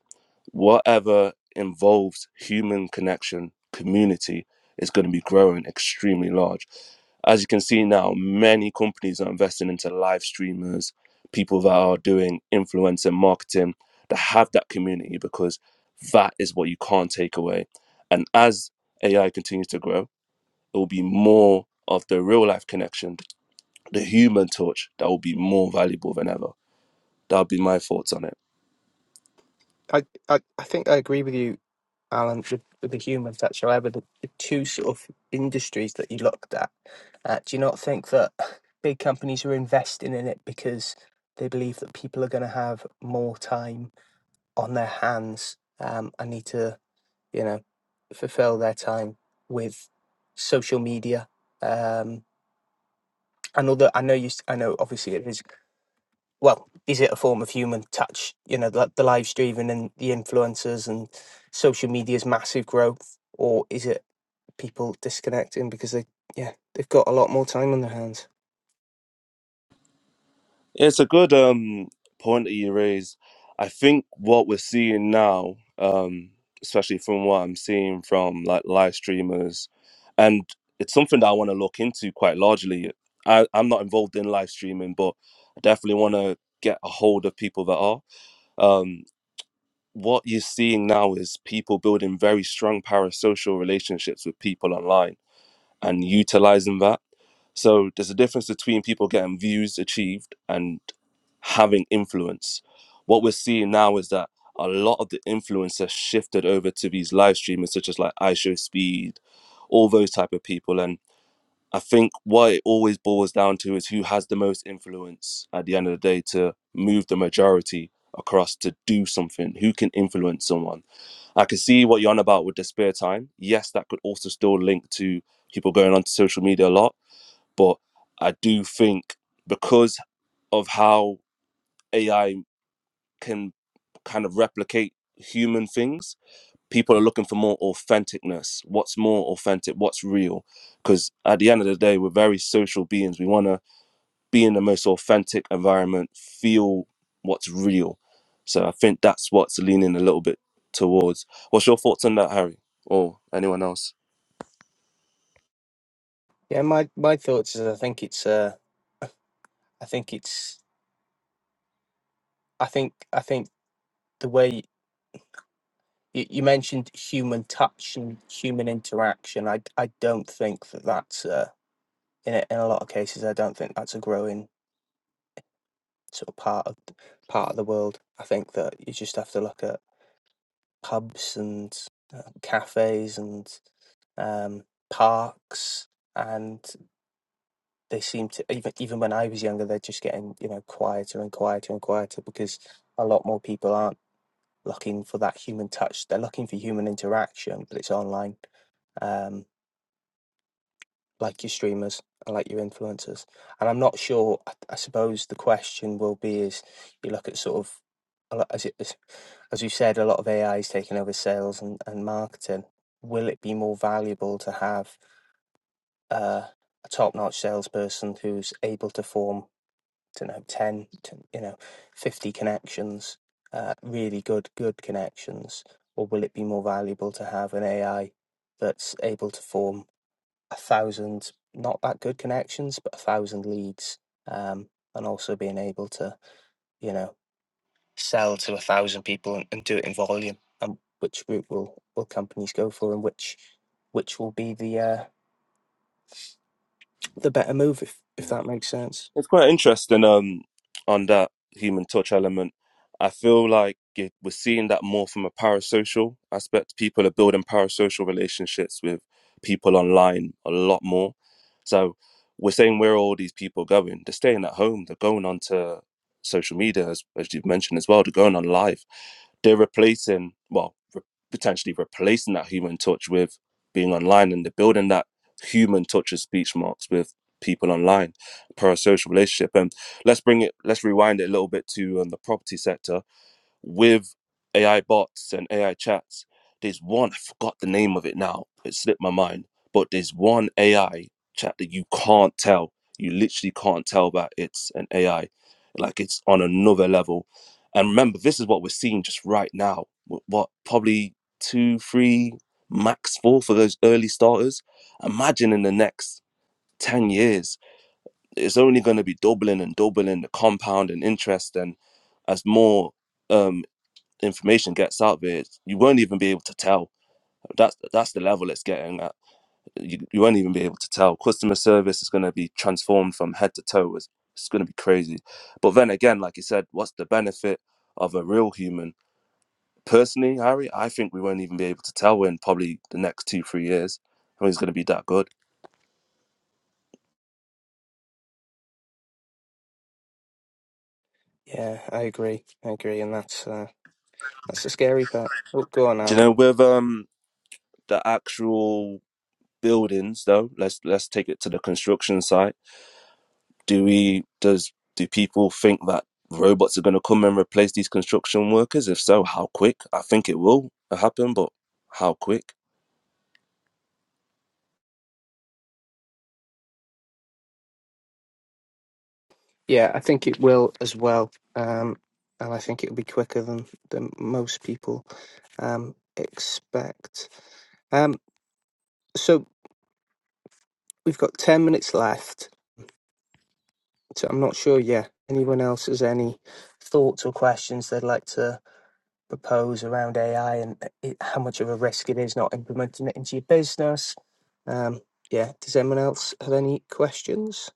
H: Whatever involves human connection, community is going to be growing extremely large as you can see now, many companies are investing into live streamers, people that are doing influencer marketing that have that community because that is what you can't take away. And as AI continues to grow, it will be more of the real life connection, the human touch that will be more valuable than ever. That would be my thoughts on it.
A: I, I, I think I agree with you, Alan, with, with the human factor. However, the, the two sort of industries that you looked at, uh, do you not think that big companies are investing in it because they believe that people are going to have more time on their hands um, and need to, you know, fulfill their time with social media? Um, and although I know you, s- I know obviously it is well, is it a form of human touch? You know, the, the live streaming and the influencers and social media's massive growth, or is it people disconnecting because they, yeah, they've got a lot more time on their hands?
H: It's a good um point that you raise. I think what we're seeing now, um, especially from what I'm seeing from like live streamers, and it's something that I want to look into quite largely. I, I'm not involved in live streaming, but I definitely want to get a hold of people that are. Um, what you're seeing now is people building very strong parasocial relationships with people online and utilizing that. So there's a difference between people getting views achieved and having influence. What we're seeing now is that a lot of the influence has shifted over to these live streamers, such as like iShow Speed, all those type of people. And I think what it always boils down to is who has the most influence at the end of the day to move the majority across to do something. Who can influence someone? I can see what you're on about with the spare time. Yes, that could also still link to people going onto social media a lot but I do think because of how AI can kind of replicate human things, people are looking for more authenticness. What's more authentic? What's real? Because at the end of the day, we're very social beings. We want to be in the most authentic environment, feel what's real. So I think that's what's leaning a little bit towards. What's your thoughts on that, Harry, or anyone else?
A: Yeah, my my thoughts is I think it's uh, I think it's I think I think the way you, you mentioned human touch and human interaction, I I don't think that that's uh, in a, in a lot of cases I don't think that's a growing sort of part of part of the world. I think that you just have to look at pubs and uh, cafes and um, parks, and they seem to even even when I was younger, they're just getting you know quieter and quieter and quieter because a lot more people aren't looking for that human touch. They're looking for human interaction, but it's online, um, like your streamers and like your influencers. And I'm not sure. I, I suppose the question will be: is you look at sort of a lot- as it is. as you said, a lot of AI is taking over sales and, and marketing. Will it be more valuable to have uh, a top-notch salesperson who's able to form, to know, 10, to, you know, 50 connections, uh, really good, good connections? Or will it be more valuable to have an AI that's able to form a thousand, not that good connections, but a thousand leads, um, and also being able to, you know, sell to a thousand people and, and do it in volume and which route will will companies go for and which which will be the uh the better move if if that makes sense
H: It's quite interesting um, on that human touch element. I feel like it, we're seeing that more from a parasocial aspect. People are building parasocial relationships with people online a lot more. So we're saying where are all these people going? They're staying at home. They're going onto social media, as, as you've mentioned as well. They're going on live. They're replacing, well, re- potentially replacing that human touch with being online, and they're building that human touch of speech marks with people online parasocial relationship. And let's bring it, let's rewind it a little bit to um, the property sector with AI bots and AI chats. There's one, I forgot the name of it now, it slipped my mind, but there's one AI chat that you can't tell. You literally can't tell that it's an AI. Like it's on another level. And remember, this is what we're seeing just right now. Wh- What, probably two, three, max four for those early starters? Imagine in the next 10 years it's only going to be doubling and doubling the compound and interest and as more um information gets out there it's- you won't even be able to tell that's that's the level it's getting at you, you won't even be able to tell customer service is going to be transformed from head to toe it's, it's going to be crazy but then again like you said what's the benefit of a real human personally harry i think we won't even be able to tell in probably the next two three years i think it's going to be that good
A: yeah i agree i agree and that's uh that's the scary part oh go on
H: do you
A: now
H: know with um the actual buildings though let's let's take it to the construction site do we does do people think that robots are going to come and replace these construction workers if so how quick i think it will happen but how quick
A: yeah i think it will as well um and i think it'll be quicker than than most people um expect um so we've got 10 minutes left so i'm not sure yeah anyone else has any thoughts or questions they'd like to propose around AI and it, how much of a risk it is not implementing it into your business. Um, yeah, does anyone else have any questions?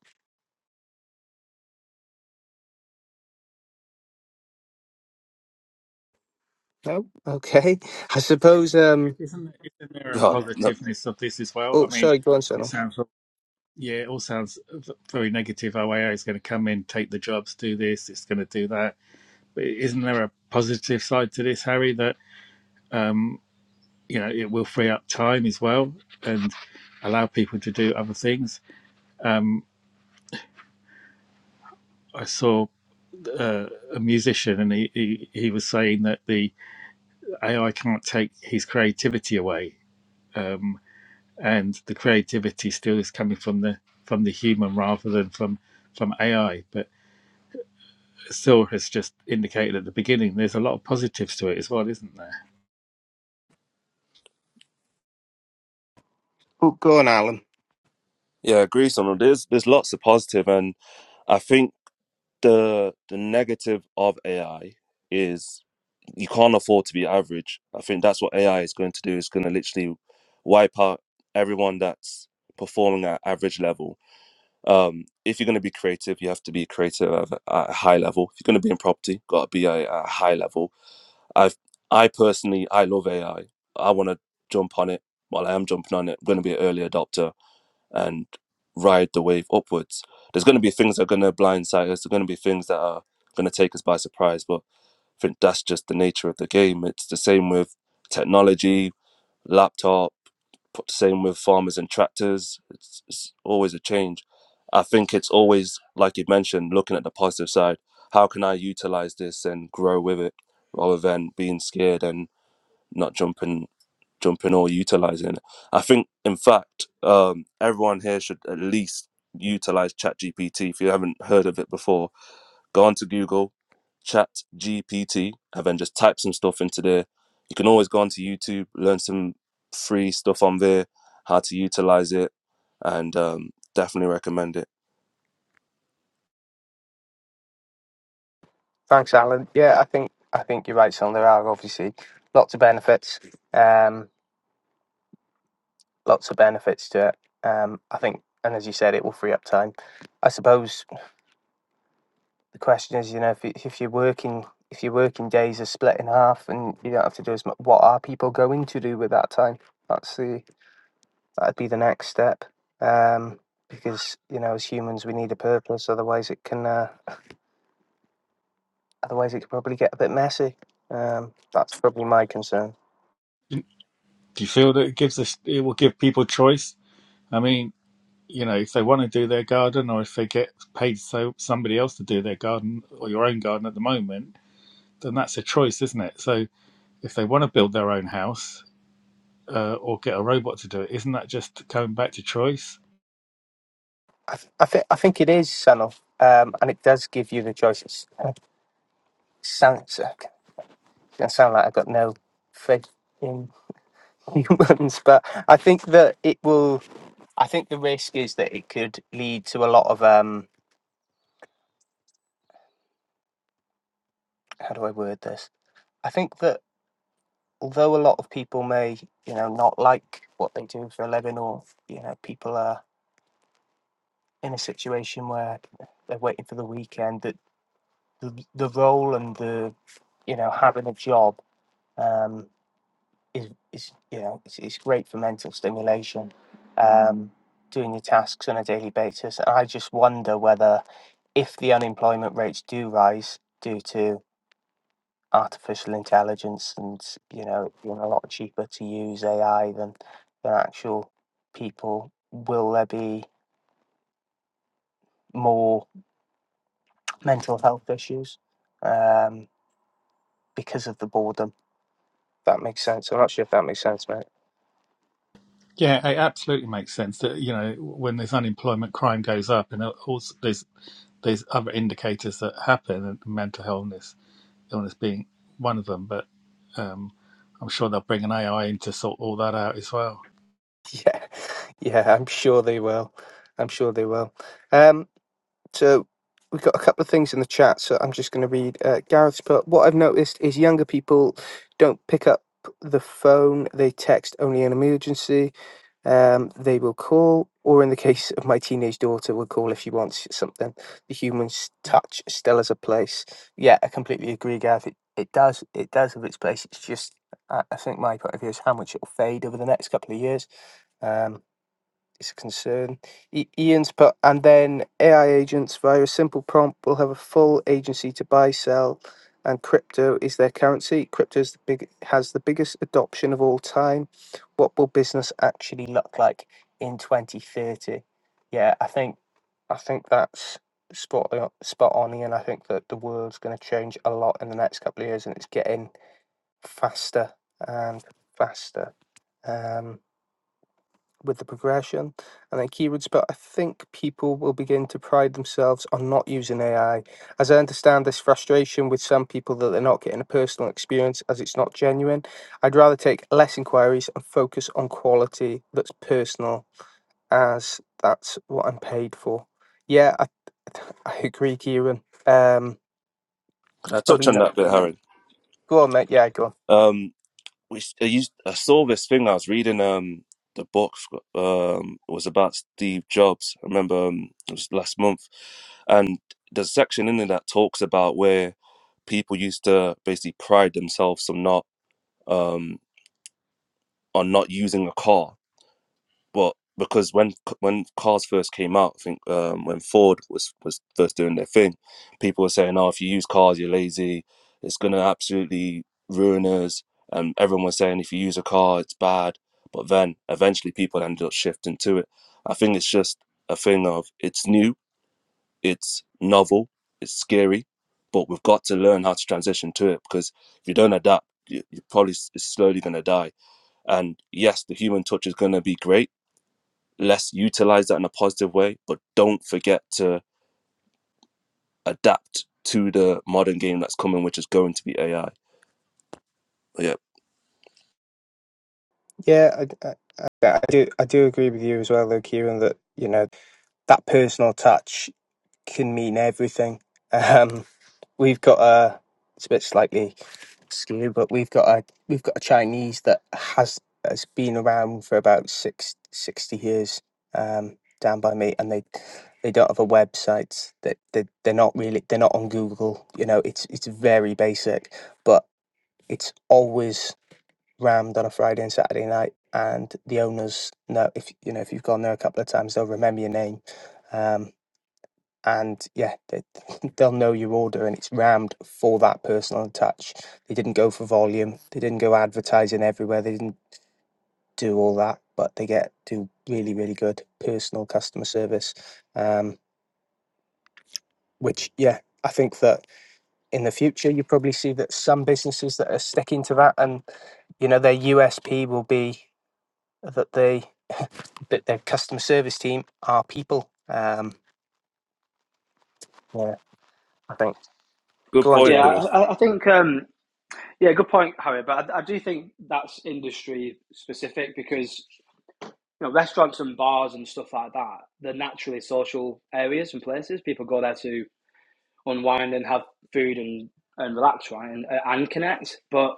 A: No? Okay. I suppose um
D: Isn't isn't there a
H: god no
D: positiveness of this as well? I
A: oh
D: mean,
A: sorry, go on,
D: it
A: Sonal.
D: sounds yeah, it all sounds very negative. OAA is going to come in, take the jobs, do this, it's going to do that isn't there a positive side to this, Harry? That um, you know it will free up time as well and allow people to do other things. Um, I saw uh, a musician and he, he he was saying that the AI can't take his creativity away, um, and the creativity still is coming from the from the human rather than from from AI. But Sil has just indicated at the beginning, there's a lot of positives to it as well, isn't there?
A: Oh go on, Alan.
H: yeah I agree on there's there's lots of positive and i think the the negative of ai is you can't afford to be average i think that's what ai is going to do it's going to literally wipe out everyone that's performing at average level Um, if you're going to be creative, you have to be creative at a at a high level. If you're going to be in property, got to be at a high level. I've, I personally, I love AI. I I want to jump on it. While I am jumping on it. I'm going to be an early adopter and ride the wave upwards. There's going to be things that are going to blindside us. There's going to be things that are going to take us by surprise. But I think that's just the nature of the game. It's the same with technology, laptops same with farmers and tractors it's, it's always a change i think it's always like you mentioned looking at the positive side how can i utilize this and grow with it rather than being scared and not jumping jumping or utilizing it i think in fact um, everyone here should at least utilize ChatGPT if you haven't heard of it before Go onto Google, Chat GPT, and then just type some stuff into there. You can always go onto YouTube, learn some free stuff on there, how to utilize it, and um, definitely recommend it.
A: Thanks, Alan. Yeah, I think I think you're right, Sonal. There are obviously lots of benefits. Um lots of benefits to it. Um I think and as you said it will free up time. I suppose the question is, you know, if, you- if you're working, if your working days are split in half and you don't have to do as much, what are people going to do with that time? That's the that'd be the next step, um, because you know, as humans, we need a purpose. Otherwise, it can uh, otherwise it could probably get a bit messy. Um, that's probably my concern.
D: Do you feel that it gives us it will give people choice I mean, you know, if they want to do their garden or if they get paid so somebody else to do their garden or your own garden at the moment, then that's a choice, isn't it? So if they want to build their own house uh, or get a robot to do it, isn't that just going back to choice?
A: I, th- I think I think it is Sanoff, um, and it does give you the choices. It's kind of sounds it sound like I've got no faith in humans, but I think that it will I think the risk is that it could lead to a lot of um how do I word this? I think that although a lot of people may, you know, not like what they do for a living or you know, people are in a situation where they're waiting for the weekend that the, the role and the you know, having a job um is is you know, it's, it's great for mental stimulation. Um doing your tasks on a daily basis. And I just wonder whether if the unemployment rates do rise due to artificial intelligence, and you know, it's been a lot cheaper to use AI than than actual people. Will there be more mental health issues um, because of the boredom? That makes sense. I'm not sure if that makes sense, mate.
D: Yeah, it absolutely makes sense that, you know, when there's unemployment, crime goes up and also there's there's other indicators that happen, and mental illness illness being one of them. But um, I'm sure they'll bring an AI in to sort all that out as well.
A: Yeah, yeah, I'm sure they will. I'm sure they will. Um, So we've got a couple of things in the chat. So I'm just going to read uh, Gareth's put. What I've noticed is younger people don't pick up the phone. They text only in emergency. Um, they will call, or in the case of my teenage daughter, will call if she wants something. The human s- touch still has a place. Yeah, I completely agree, Gareth. It, it does. It does have its place. It's just. I I think my point of view is how much it'll fade over the next couple of years. Um, is concerned. I- Ian's put, and then AI agents via a simple prompt will have a full agency to buy, sell, and crypto is their currency. Crypto is the big has the biggest adoption of all time. What will business actually look like in twenty thirty? Yeah, I think I think that's spot on, spot on, Ian. I think that the world's going to change a lot in the next couple of years, and it's getting faster and faster. Um, with the progression and then keywords, but I think people will begin to pride themselves on not using AI. As I understand this frustration with some people that they're not getting a personal experience as it's not genuine, I'd rather take less inquiries and focus on quality that's personal, as that's what I'm paid for. Yeah, I, I agree, Kieran. Um,
H: Could I
A: it's
H: touch
A: probably
H: on
A: not.
H: that bit, Harry?
A: Go on, mate. Yeah, go on.
H: Um, which I, used, I saw this thing I was reading. Um, the book um, it was about Steve Jobs. I remember um, it was last month, and there's a section in there that talks about where people used to basically pride themselves on not. um on not using a car. But because when when cars first came out, I think um, when Ford was was first doing their thing, people were saying, "Oh, if you use cars, you're lazy. It's gonna absolutely ruin us." And everyone was saying, "If you use a car, it's bad." But then eventually, people ended up shifting to it. I think it's just a thing of it's new, it's novel, it's scary, but we've got to learn how to transition to it because if you don't adapt, you, you're probably s- slowly gonna die and yes, the human touch is going to be great. Let's utilize that in a positive way, but don't forget to adapt to the modern game that's coming, which is going to be AI. But yeah,
A: Yeah, I, I, I I do. I do agree with you as well, though, Kieran. That you know that personal touch. can mean everything. Um, we've got a it's a bit slightly skewed, but we've got a we've got a Chinese that has has been around for about six sixty years um, down by me, and they they don't have a website. That they, they, they're not really they're not on Google. You know, it's it's very basic, but it's always rammed on a Friday and Saturday night. And the owners know if you know if you've gone there a couple of times, they'll remember your name. Um, and yeah, they, they'll know your order, and it's rammed for that personal touch. They didn't go for volume, they didn't go advertising everywhere, they didn't do all that, but they get do really, really good personal customer service. Um, which yeah, I think that in the future you probably see that some businesses that are sticking to that, and you know their USP will be that they that their customer service team are people. Um, yeah, I think.
H: good
A: Go on,
H: point
F: Yeah,
A: Jamie.
H: there.
F: I, I I think um, yeah, good point, Harry. But I, I do think that's industry specific because you know restaurants and bars and stuff like that they're naturally social areas and places. People go there to unwind and have food and and relax, right, and and connect. But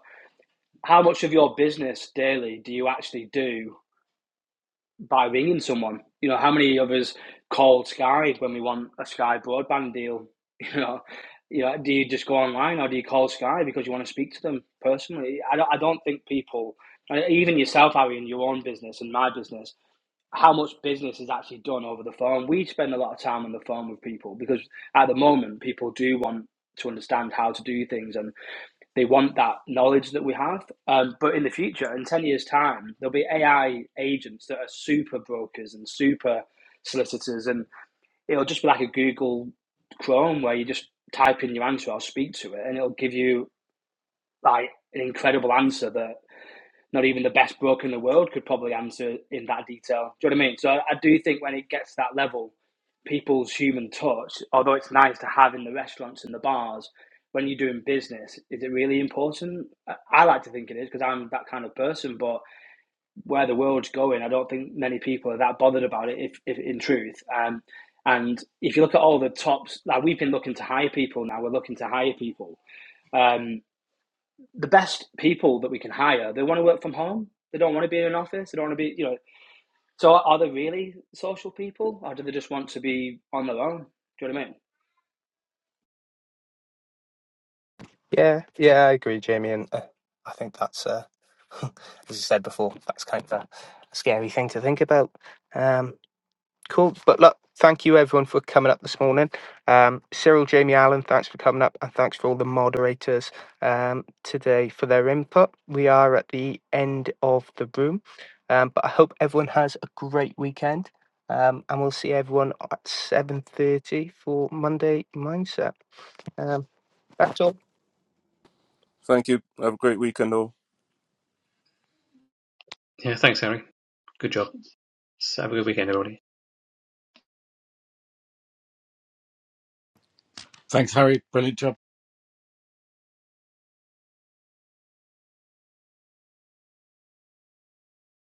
F: how much of your business daily do you actually do by ringing someone? You know, how many of us call Sky when we want a Sky broadband deal? You know, you know, do you just go online or do you call Sky because you want to speak to them personally? I don't, I don't think people, uh, even yourself, Harry, in your own business and my business, how much business is actually done over the phone. We spend a lot of time on the phone with people because at the moment people do want to understand how to do things and. They want that knowledge that we have. Um, but in the future, in 10 years' time, there'll be AI agents that are super brokers and super solicitors. And it'll just be like a Google Chrome where you just type in your answer I'll speak to it and it'll give you like an incredible answer that not even the best broker in the world could probably answer in that detail. Do you know what I mean? So I do think when it gets to that level, people's human touch, although it's nice to have in the restaurants and the bars, when you're doing business, is it really important? I like to think it is because I'm that kind of person. But where the world's going, I don't think many people are that bothered about it. If, if in truth, um, and if you look at all the tops, like we've been looking to hire people now, we're looking to hire people. Um, the best people that we can hire, they want to work from home. They don't want to be in an office. They don't want to be, you know. So are they really social people, or do they just want to be on their own? Do you know what I mean?
A: Yeah, yeah, I agree, Jamie, and uh, I think that's uh, as you said before, that's kind of a scary thing to think about. Um, cool, but look, thank you everyone for coming up this morning. Um, Cyril, Jamie, Allen, thanks for coming up, and thanks for all the moderators um, today for their input. We are at the end of the room, um, but I hope everyone has a great weekend, um, and we'll see everyone at seven thirty for Monday Mindset. Um, that's all.
H: Thank you. Have a great weekend, all.
B: Yeah, thanks, Harry. Good job. It's a good weekend, everybody.
D: Thanks, Harry. Brilliant.